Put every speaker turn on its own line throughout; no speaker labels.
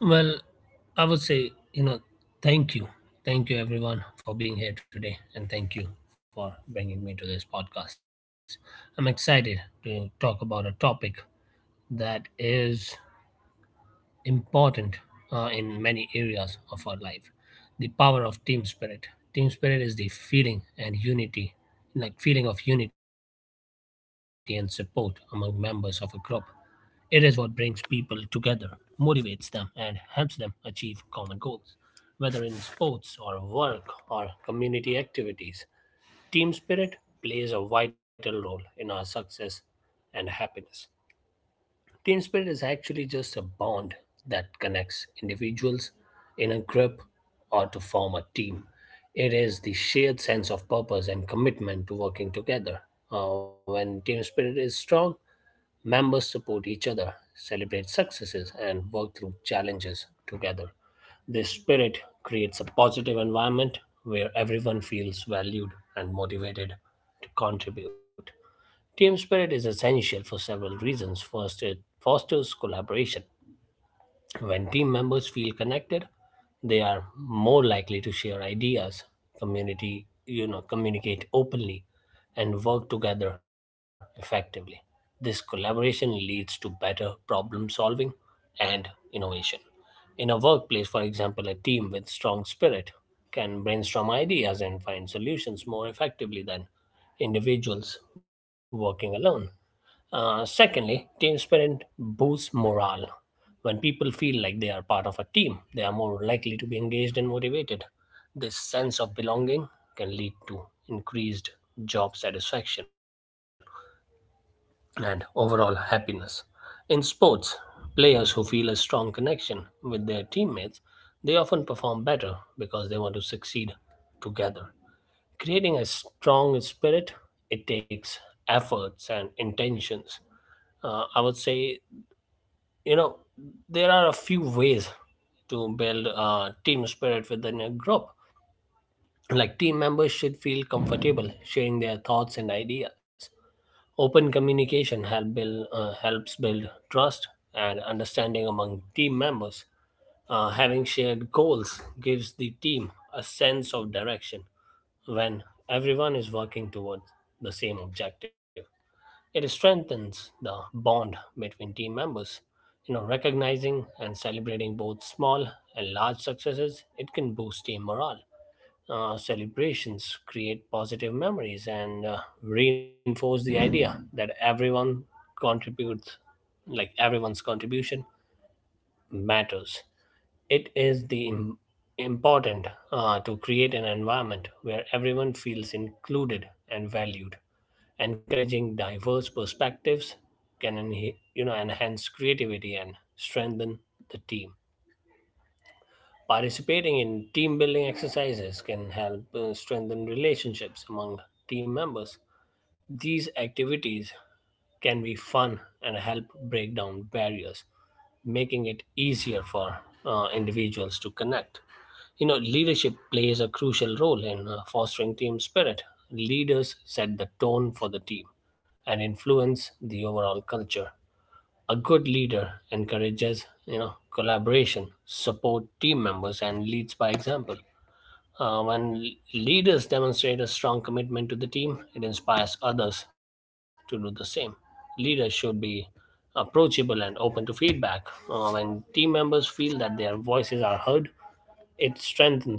Well, I would say, thank you. Thank you, everyone, for being here today. And thank you for bringing me to this podcast. I'm excited to talk about a topic that is important in many areas of our life, the power of team spirit. Team spirit is the feeling of unity and support among members of a group. It is what brings people together, motivates them, and helps them achieve common goals. Whether in sports or work or community activities, team spirit plays a vital role in our success and happiness. Team spirit is actually just a bond that connects individuals in a group or to form a team. It is the shared sense of purpose and commitment to working together. When team spirit is strong, members support each other, celebrate successes, and work through challenges together. This spirit creates a positive environment where everyone feels valued and motivated to contribute. Team spirit is essential for several reasons. First, it fosters collaboration. When team members feel connected, they are more likely to share ideas, communicate openly and work together effectively. This collaboration leads to better problem solving and innovation. In a workplace, for example, a team with strong spirit can brainstorm ideas and find solutions more effectively than individuals working alone. Secondly, team spirit boosts morale. When people feel like they are part of a team, they are more likely to be engaged and motivated. This sense of belonging can lead to increased job satisfaction and overall happiness. In sports, players who feel a strong connection with their teammates, they often perform better because they want to succeed together. Creating a strong spirit, it takes efforts and intentions. I would say, you know, there are a few ways to build a team spirit within a group. Like team members should feel comfortable sharing their thoughts and ideas. Open communication help build, helps build trust and understanding among team members. Having shared goals gives the team a sense of direction when everyone is working towards the same objective. It strengthens the bond between team members. You know, recognizing and celebrating both small and large successes, it can boost team morale. Celebrations create positive memories and reinforce the idea that everyone contributes, like everyone's contribution matters. It is the im- important to create an environment where everyone feels included and valued, encouraging diverse perspectives. Can enha- you know enhance creativity and strengthen the team. Participating in team building exercises can help strengthen relationships among team members. These activities can be fun and help break down barriers, making it easier for individuals to connect. You know, leadership plays a crucial role in fostering team spirit. Leaders set the tone for the team and influence the overall culture. A good leader encourages, you know, collaboration, support team members, and leads by example. When leaders demonstrate a strong commitment to the team, it inspires others to do the same. Leaders should be approachable and open to feedback. When team members feel that their voices are heard, it strengthens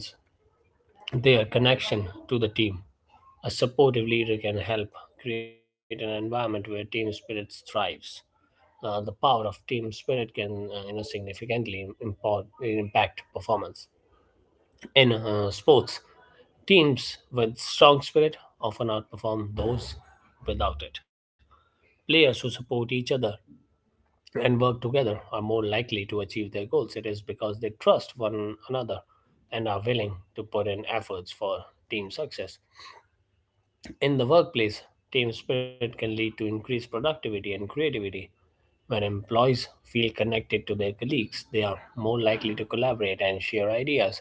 their connection to the team. A supportive leader can help create an environment where team spirit thrives. The power of team spirit can you know, impact performance. In sports, teams with strong spirit often outperform those without it. Players who support each other and work together are more likely to achieve their goals. It is because they trust one another and are willing to put in efforts for team success. In the workplace, team spirit can lead to increased productivity and creativity. When employees feel connected to their colleagues, they are more likely to collaborate and share ideas.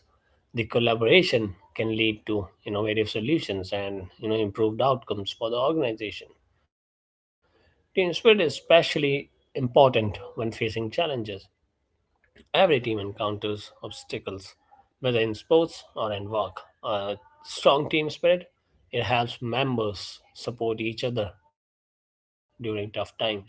The collaboration can lead to innovative solutions and, you know, improved outcomes for the organization. Team spirit is especially important when facing challenges. Every team encounters obstacles, whether in sports or in work. A strong team spirit, it helps members support each other during tough times.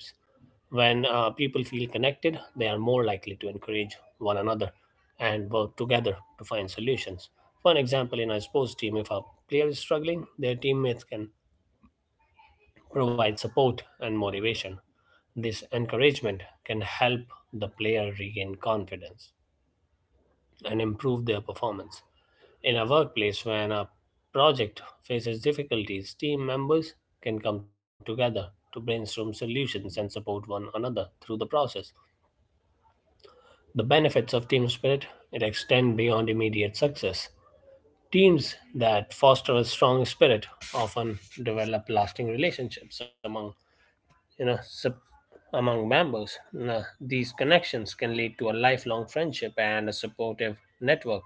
When people feel connected, they are more likely to encourage one another and work together to find solutions. For an example, in a sports team, if a player is struggling, their teammates can provide support and motivation. This encouragement can help the player regain confidence and improve their performance. In a workplace, when a project faces difficulties, team members can come together to brainstorm solutions and support one another through the process. The benefits of team spirit, it extend beyond immediate success. Teams that foster a strong spirit often develop lasting relationships among you know sup- among members. Now, these connections can lead to a lifelong friendship and a supportive network.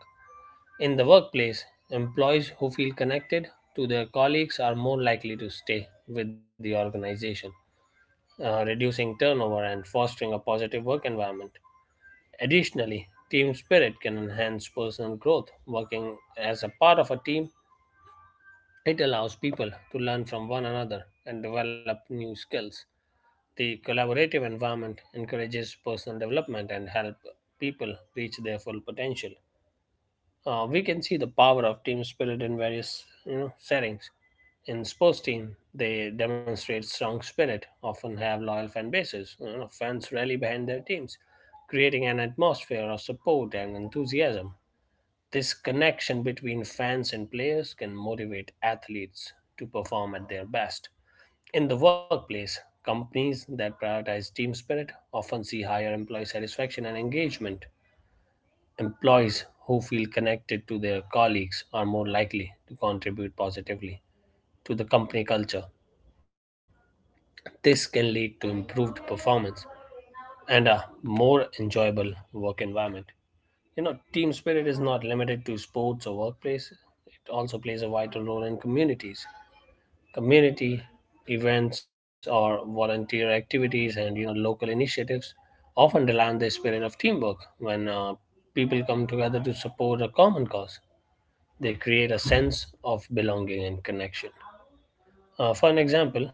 In the workplace, employees who feel connected to their colleagues are more likely to stay with the organization, reducing turnover and fostering a positive work environment. Additionally, team spirit can enhance personal growth. Working as a part of a team, it allows people to learn from one another and develop new skills. The collaborative environment encourages personal development and help people reach their full potential. We can see the power of team spirit in various, you know, settings. In sports team, they demonstrate strong spirit, often have loyal fan bases. You know, fans rally behind their teams, creating an atmosphere of support and enthusiasm. This connection between fans and players can motivate athletes to perform at their best. In the workplace, companies that prioritize team spirit often see higher employee satisfaction and engagement. Employees who feel connected to their colleagues are more likely to contribute positively to the company culture. This can lead to improved performance and a more enjoyable work environment. You know, team spirit is not limited to sports or workplace, it also plays a vital role in communities. Community events or volunteer activities and you know local initiatives often rely on the spirit of teamwork. When people come together to support a common cause, they create a sense of belonging and connection. For an example,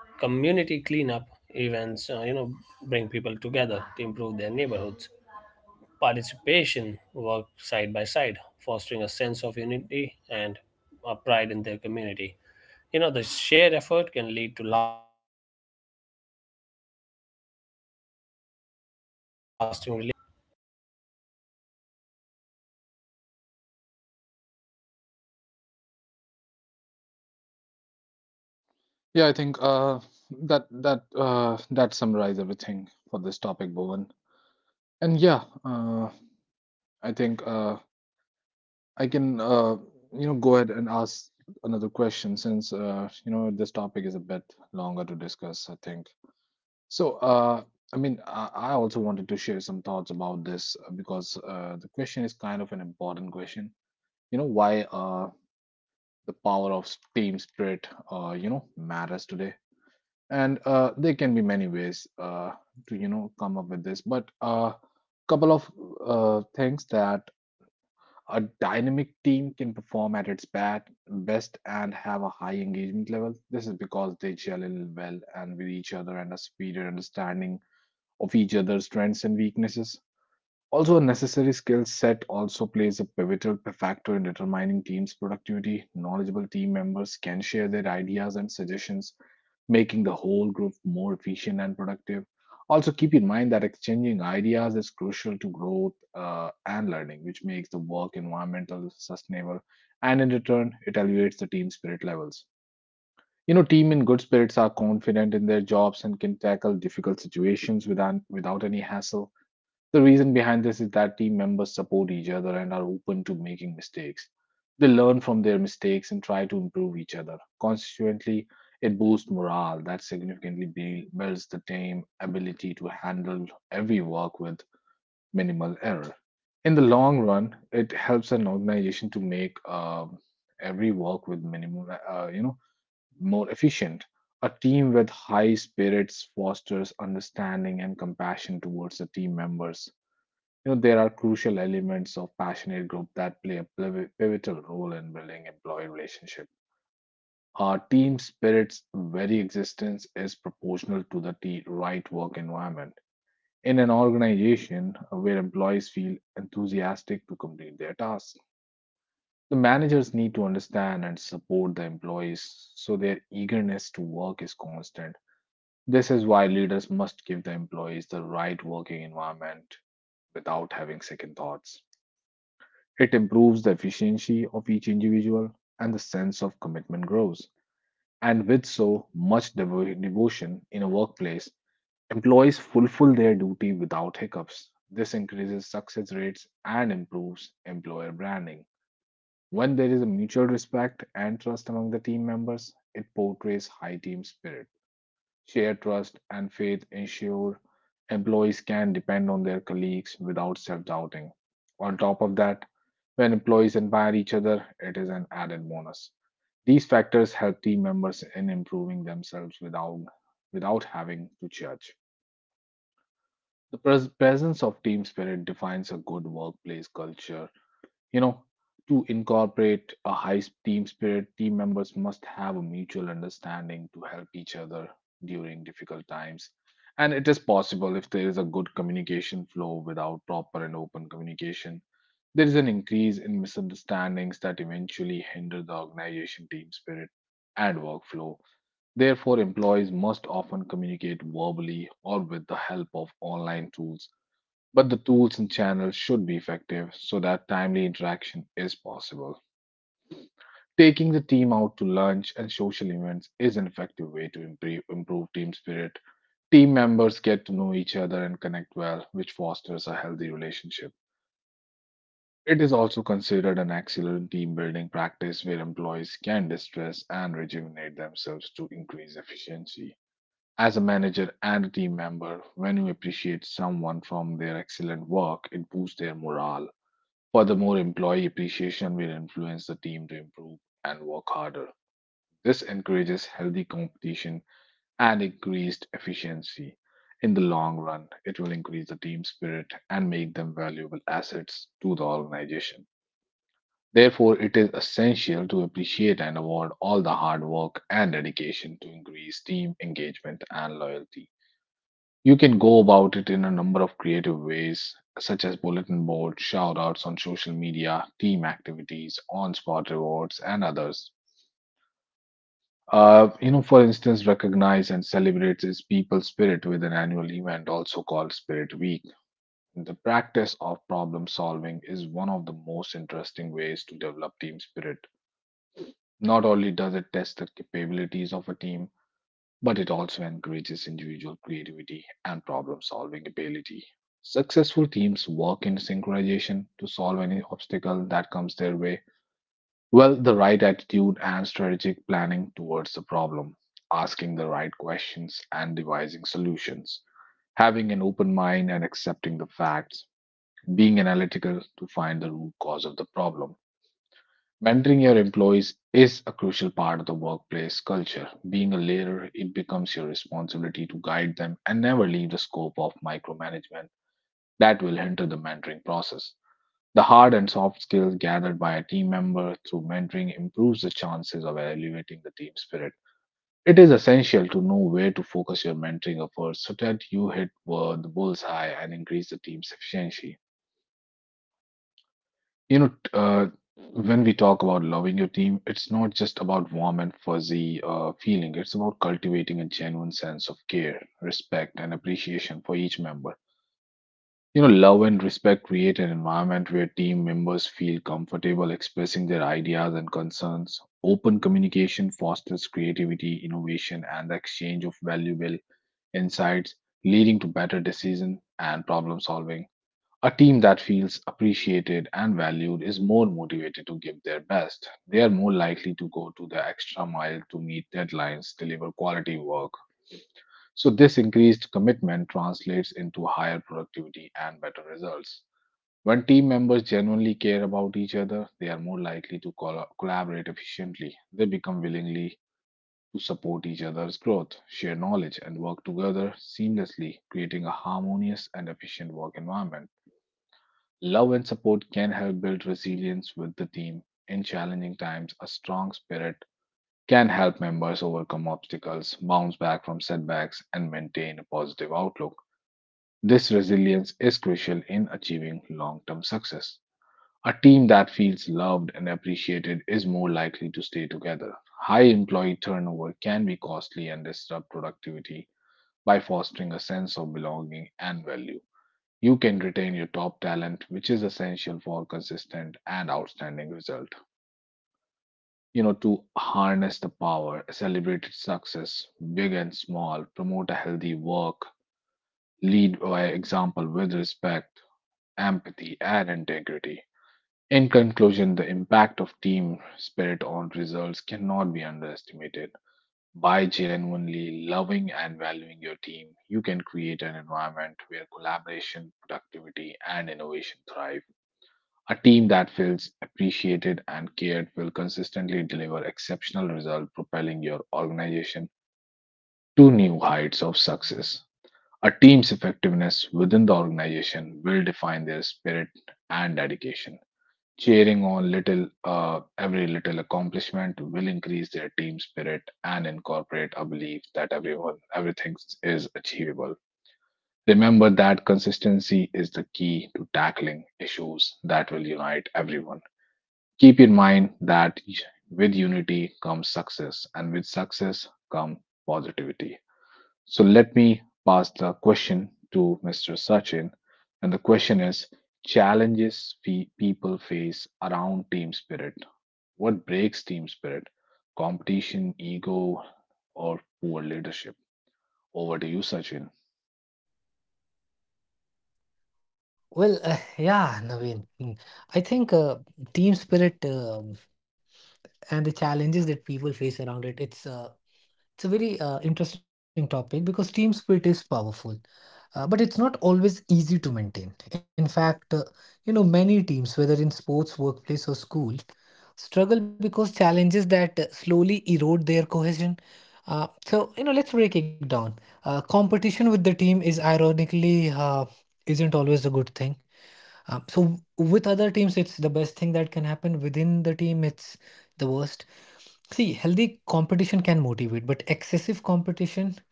community cleanup events, you know, bring people together to improve their neighborhoods. Participation worked side by side, fostering a sense of unity and a pride in their community. You know, the shared effort can lead to lasting relationships and a stronger sense of community. Right, Naveen?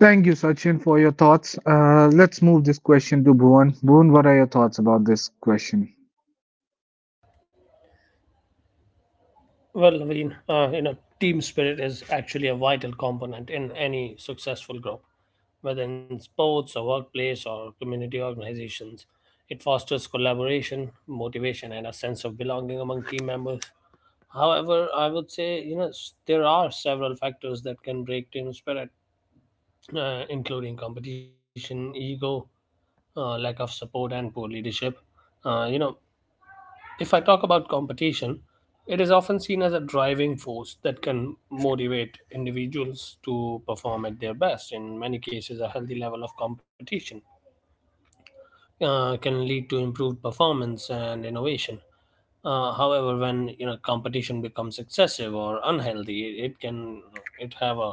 Thank you, Sachin, for your thoughts. Let's move this question to Bhuvan. Bhuvan, what are your thoughts about this question?
Well, Naveen, you know, team spirit is actually a vital component in any successful group, whether in sports or workplace or community organizations. It fosters collaboration, motivation, and a sense of belonging among team members. However, I would say, you know, there are several factors that can break team spirit, including competition, ego, lack of support, and poor leadership. Uh, you know, if I talk about competition, it is often seen as a driving force that can motivate individuals to perform at their best. In many cases, a healthy level of competition can lead to improved performance and innovation. However, when, you know, competition becomes excessive or unhealthy, it have a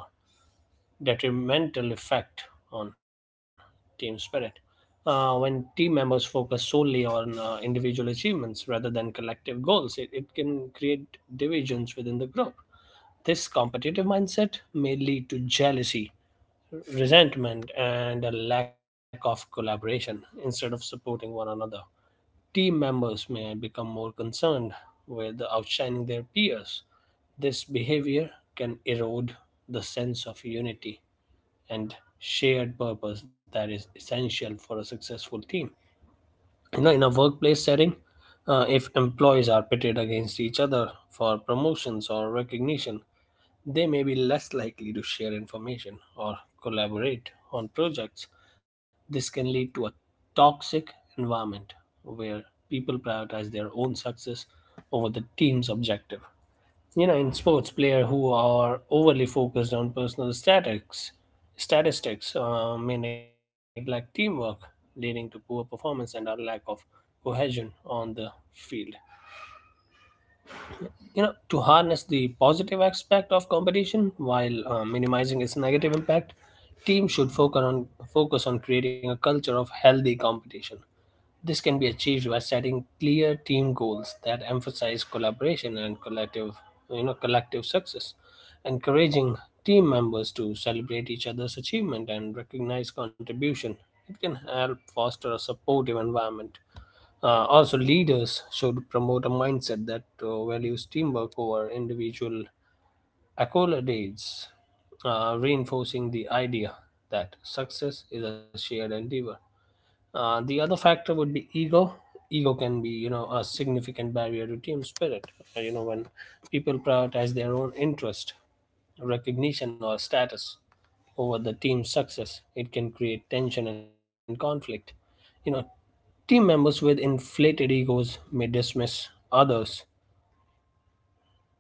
detrimental effect on team spirit. When team members focus solely on individual achievements rather than collective goals, it can create divisions within the group. This competitive mindset may lead to jealousy, resentment, and a lack of collaboration. Instead of supporting one another, team members may become more concerned with outshining their peers. This behavior can erode the sense of unity and shared purpose that is essential for a successful team. You know, in a workplace setting, if employees are pitted against each other for promotions or recognition, they may be less likely to share information or collaborate on projects. This can lead to a toxic environment where people prioritize their own success over the team's objective. You know, in sports, players who are overly focused on statistics may neglect teamwork, leading to poor performance and a lack of cohesion on the field. You know, to harness the positive aspect of competition while minimizing its negative impact, teams should focus on creating a culture of healthy competition. This can be achieved by setting clear team goals that emphasize collaboration and collective, you know, collective success. Encouraging team members to celebrate each other's achievement and recognize contribution, it can help foster a supportive environment. Also, leaders should promote a mindset that values teamwork over individual accolades, reinforcing the idea that success is a shared endeavor. The other factor would be ego. Ego can be, you know, a significant barrier to team spirit. When people prioritize their own interest, recognition, or status over the team's success, it can create tension and conflict. You know, team members with inflated egos may dismiss others'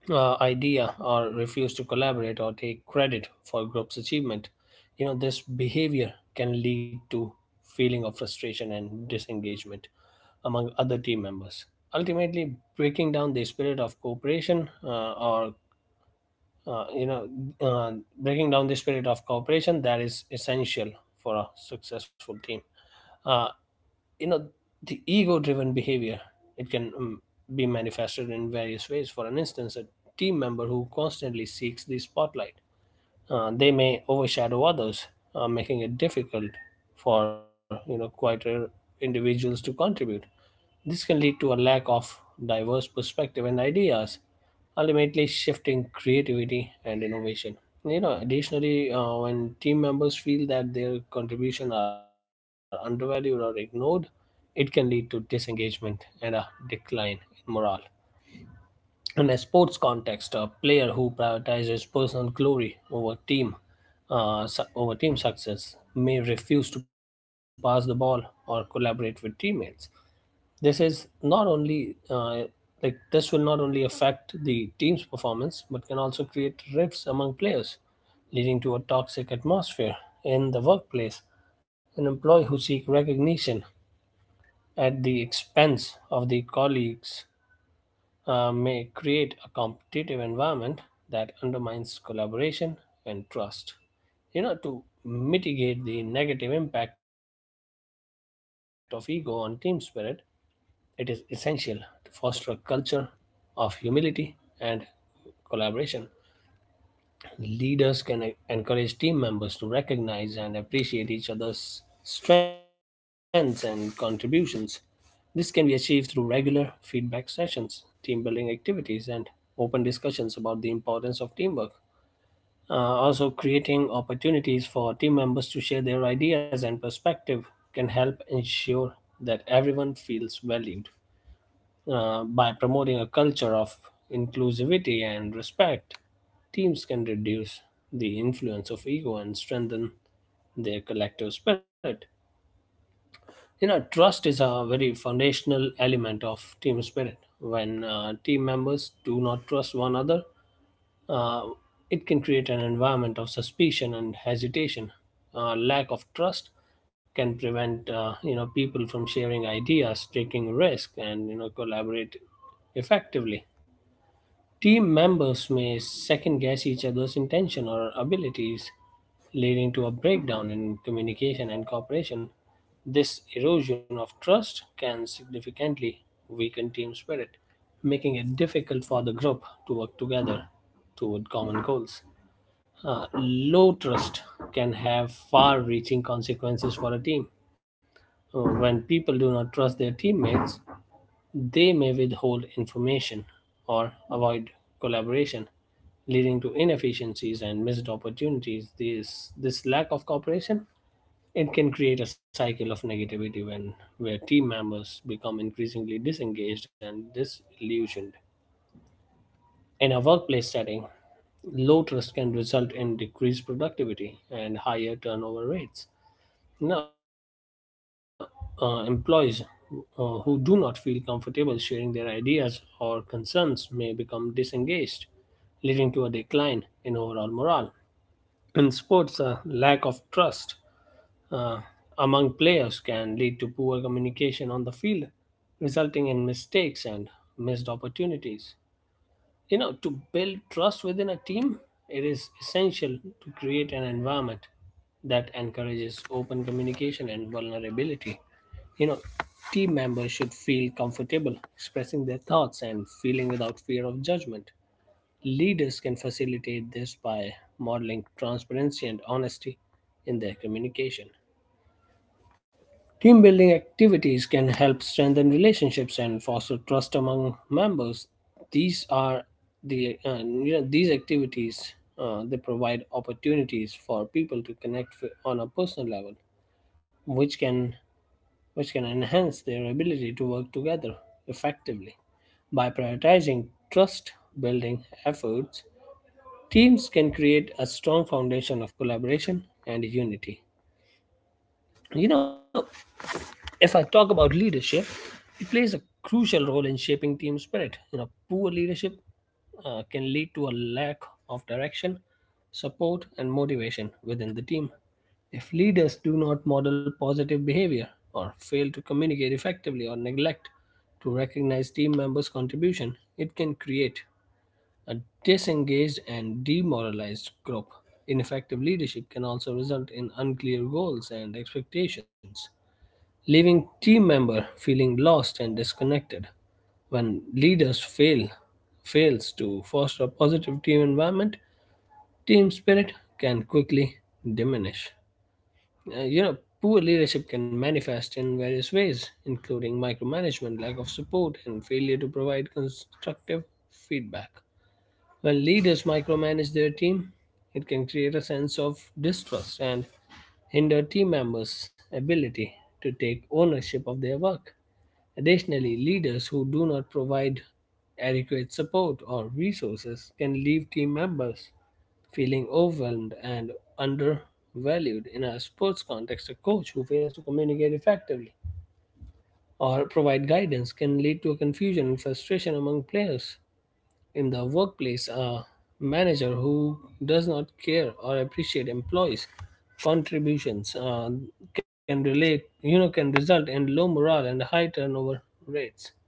idea, or refuse to collaborate, or take credit for group's achievement. You know, this behavior can lead to feeling of frustration and disengagement among other team members, ultimately breaking down the spirit of cooperation or you know uh, breaking down the spirit of cooperation that is essential for a successful team. Uh, you know the ego driven behavior it can be manifested in various ways for an instance, a team member who constantly seeks the spotlight. They may overshadow others, making it difficult for quieter individuals to contribute. This can lead to a lack of diverse perspective and ideas, ultimately shifting creativity and innovation. You know, additionally, when team members feel that their contribution are undervalued or ignored, it can lead to disengagement and a decline in morale. In a sports context, a player who prioritizes personal glory over over team success may refuse to pass the ball or collaborate with teammates. This is not only like this will not only affect the team's performance but can also create rifts among players, leading to a toxic atmosphere in the workplace. An employee who seek recognition at the expense of the colleagues may create a competitive environment that undermines collaboration and trust. You know, to mitigate the negative impact of ego on team spirit, it is essential to foster a culture of humility and collaboration. Leaders can encourage team members to recognize and appreciate each other's strengths and contributions. This can be achieved through regular feedback sessions, team building activities, and open discussions about the importance of teamwork. Also, creating opportunities for team members to share their ideas and perspective can help ensure that everyone feels valued. By promoting a culture of inclusivity and respect, teams can reduce the influence of ego and strengthen their collective spirit. You know, trust is a very foundational element of team spirit. When team members do not trust one another, uh, it can create an environment of suspicion and hesitation. Lack of trust can prevent people from sharing ideas, taking risk, and collaborate effectively. Team members may second guess each other's intention or abilities, leading to a breakdown in communication and cooperation. This erosion of trust can significantly weaken team spirit, making it difficult for the group to work together toward common goals. Low trust can have far reaching consequences for a team. When people do not trust their teammates, they may withhold information or avoid collaboration, leading to inefficiencies and missed opportunities. This lack of cooperation it can create a cycle of negativity when where team members become increasingly disengaged and disillusioned. In a workplace setting, low trust can result in decreased productivity and higher turnover rates. Now, employees who do not feel comfortable sharing their ideas or concerns may become disengaged, leading to a decline in overall morale. In sports, a lack of trust uh, among players can lead to poor communication on the field, resulting in mistakes and missed opportunities. You know, to build trust within a team, it is essential to create an environment that encourages open communication and vulnerability. You know, team members should feel comfortable expressing their thoughts and feeling without fear of judgment. Leaders can facilitate this by modeling transparency and honesty in their communication. Team building activities can help strengthen relationships and foster trust among members. These are the these activities they provide opportunities for people to connect on a personal level, which can which can enhance their ability to work together effectively. By prioritizing trust building efforts, teams can create a strong foundation of collaboration and unity. You know, if I talk about leadership, it plays a crucial role in shaping team spirit. You know, poor leadership can lead to a lack of direction, support, and motivation within the team. If leaders do not model positive behavior or fail to communicate effectively or neglect to recognize team members' contribution, it can create a disengaged and demoralized group. Ineffective leadership can also result in unclear goals and expectations, leaving team member feeling lost and disconnected. When leaders fail fails to foster a positive team environment, team spirit can quickly diminish. You know, poor leadership can manifest in various ways, including micromanagement, lack of support, and failure to provide constructive feedback. When leaders micromanage their team, it can create a sense of distrust and hinder team members' ability to take ownership of their work. Additionally, leaders who do not provide adequate support or resources can leave team members feeling overwhelmed and undervalued. In a sports context, a coach who fails to communicate effectively or provide guidance can lead to confusion and frustration among players. In the workplace, a manager who does not care or appreciate employees' contributions can relate, you know, can result in low morale and high turnover rates.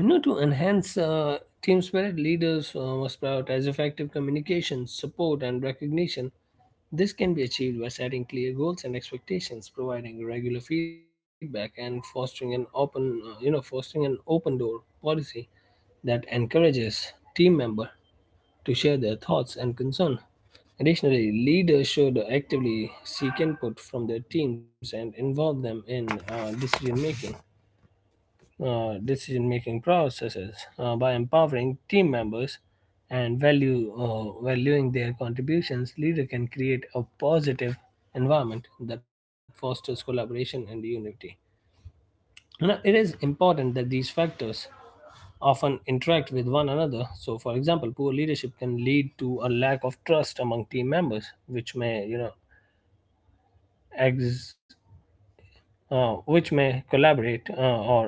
You know, to enhance team spirit, leaders must prioritize effective communication, support, and recognition. This can be achieved by setting clear goals and expectations, providing regular feedback, and fostering an open door policy that encourages team member to share their thoughts and concern. Additionally, leaders should actively seek input from their teams and involve them in decision making processes. By empowering team members and value valuing their contributions, leader can create a positive environment that fosters collaboration and unity. You know, it is important that these factors often interact with one another. So for example, poor leadership can lead to a lack of trust among team members, which may, you know, ex- which may collaborate or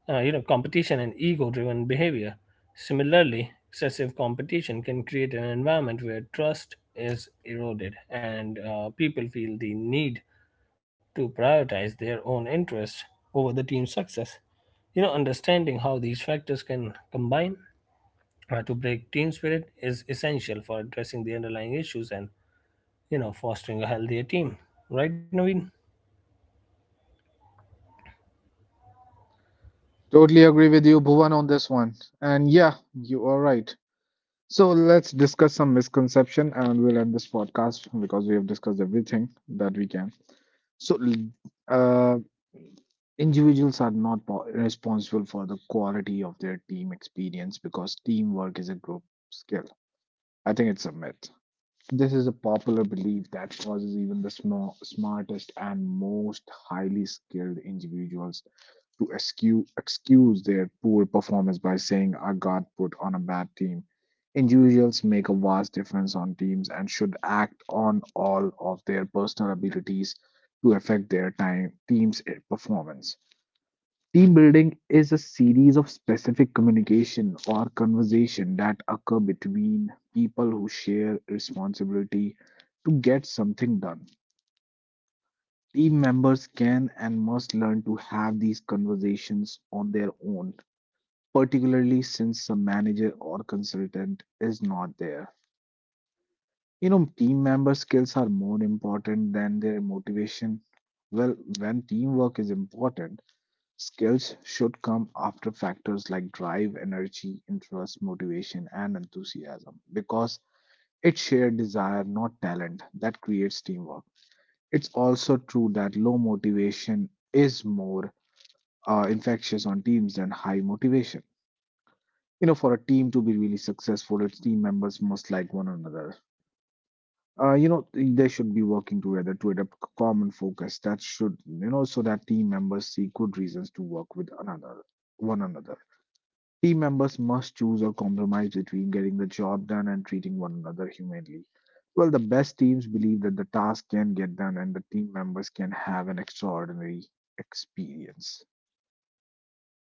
you know competition and ego driven behavior. Similarly, excessive competition can create an environment where trust is eroded and people feel the need to prioritize their own interests over the team's success. You know, understanding how these factors can combine to break team spirit is essential for addressing the underlying issues and, you know, fostering a healthier team. Right, Naveen?
Totally agree with you, Bhuvan, on this one. And yeah, you are right. So let's discuss some misconception and we'll end this podcast because we have discussed everything that we can. So, uh, in the group skill, I think it's a myth.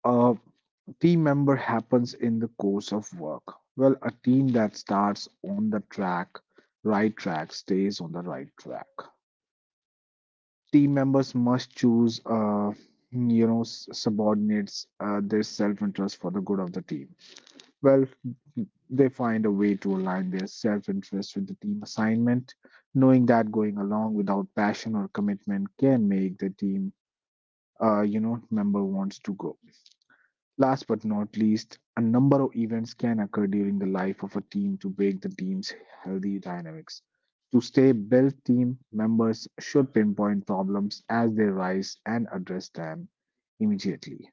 Uh, Team well, right? Team, uh, well, they know uh, member. Last but not least, a number of events can occur during the life of a team to break the team's healthy. To stay, team members should pinpoint problems as they them immediately.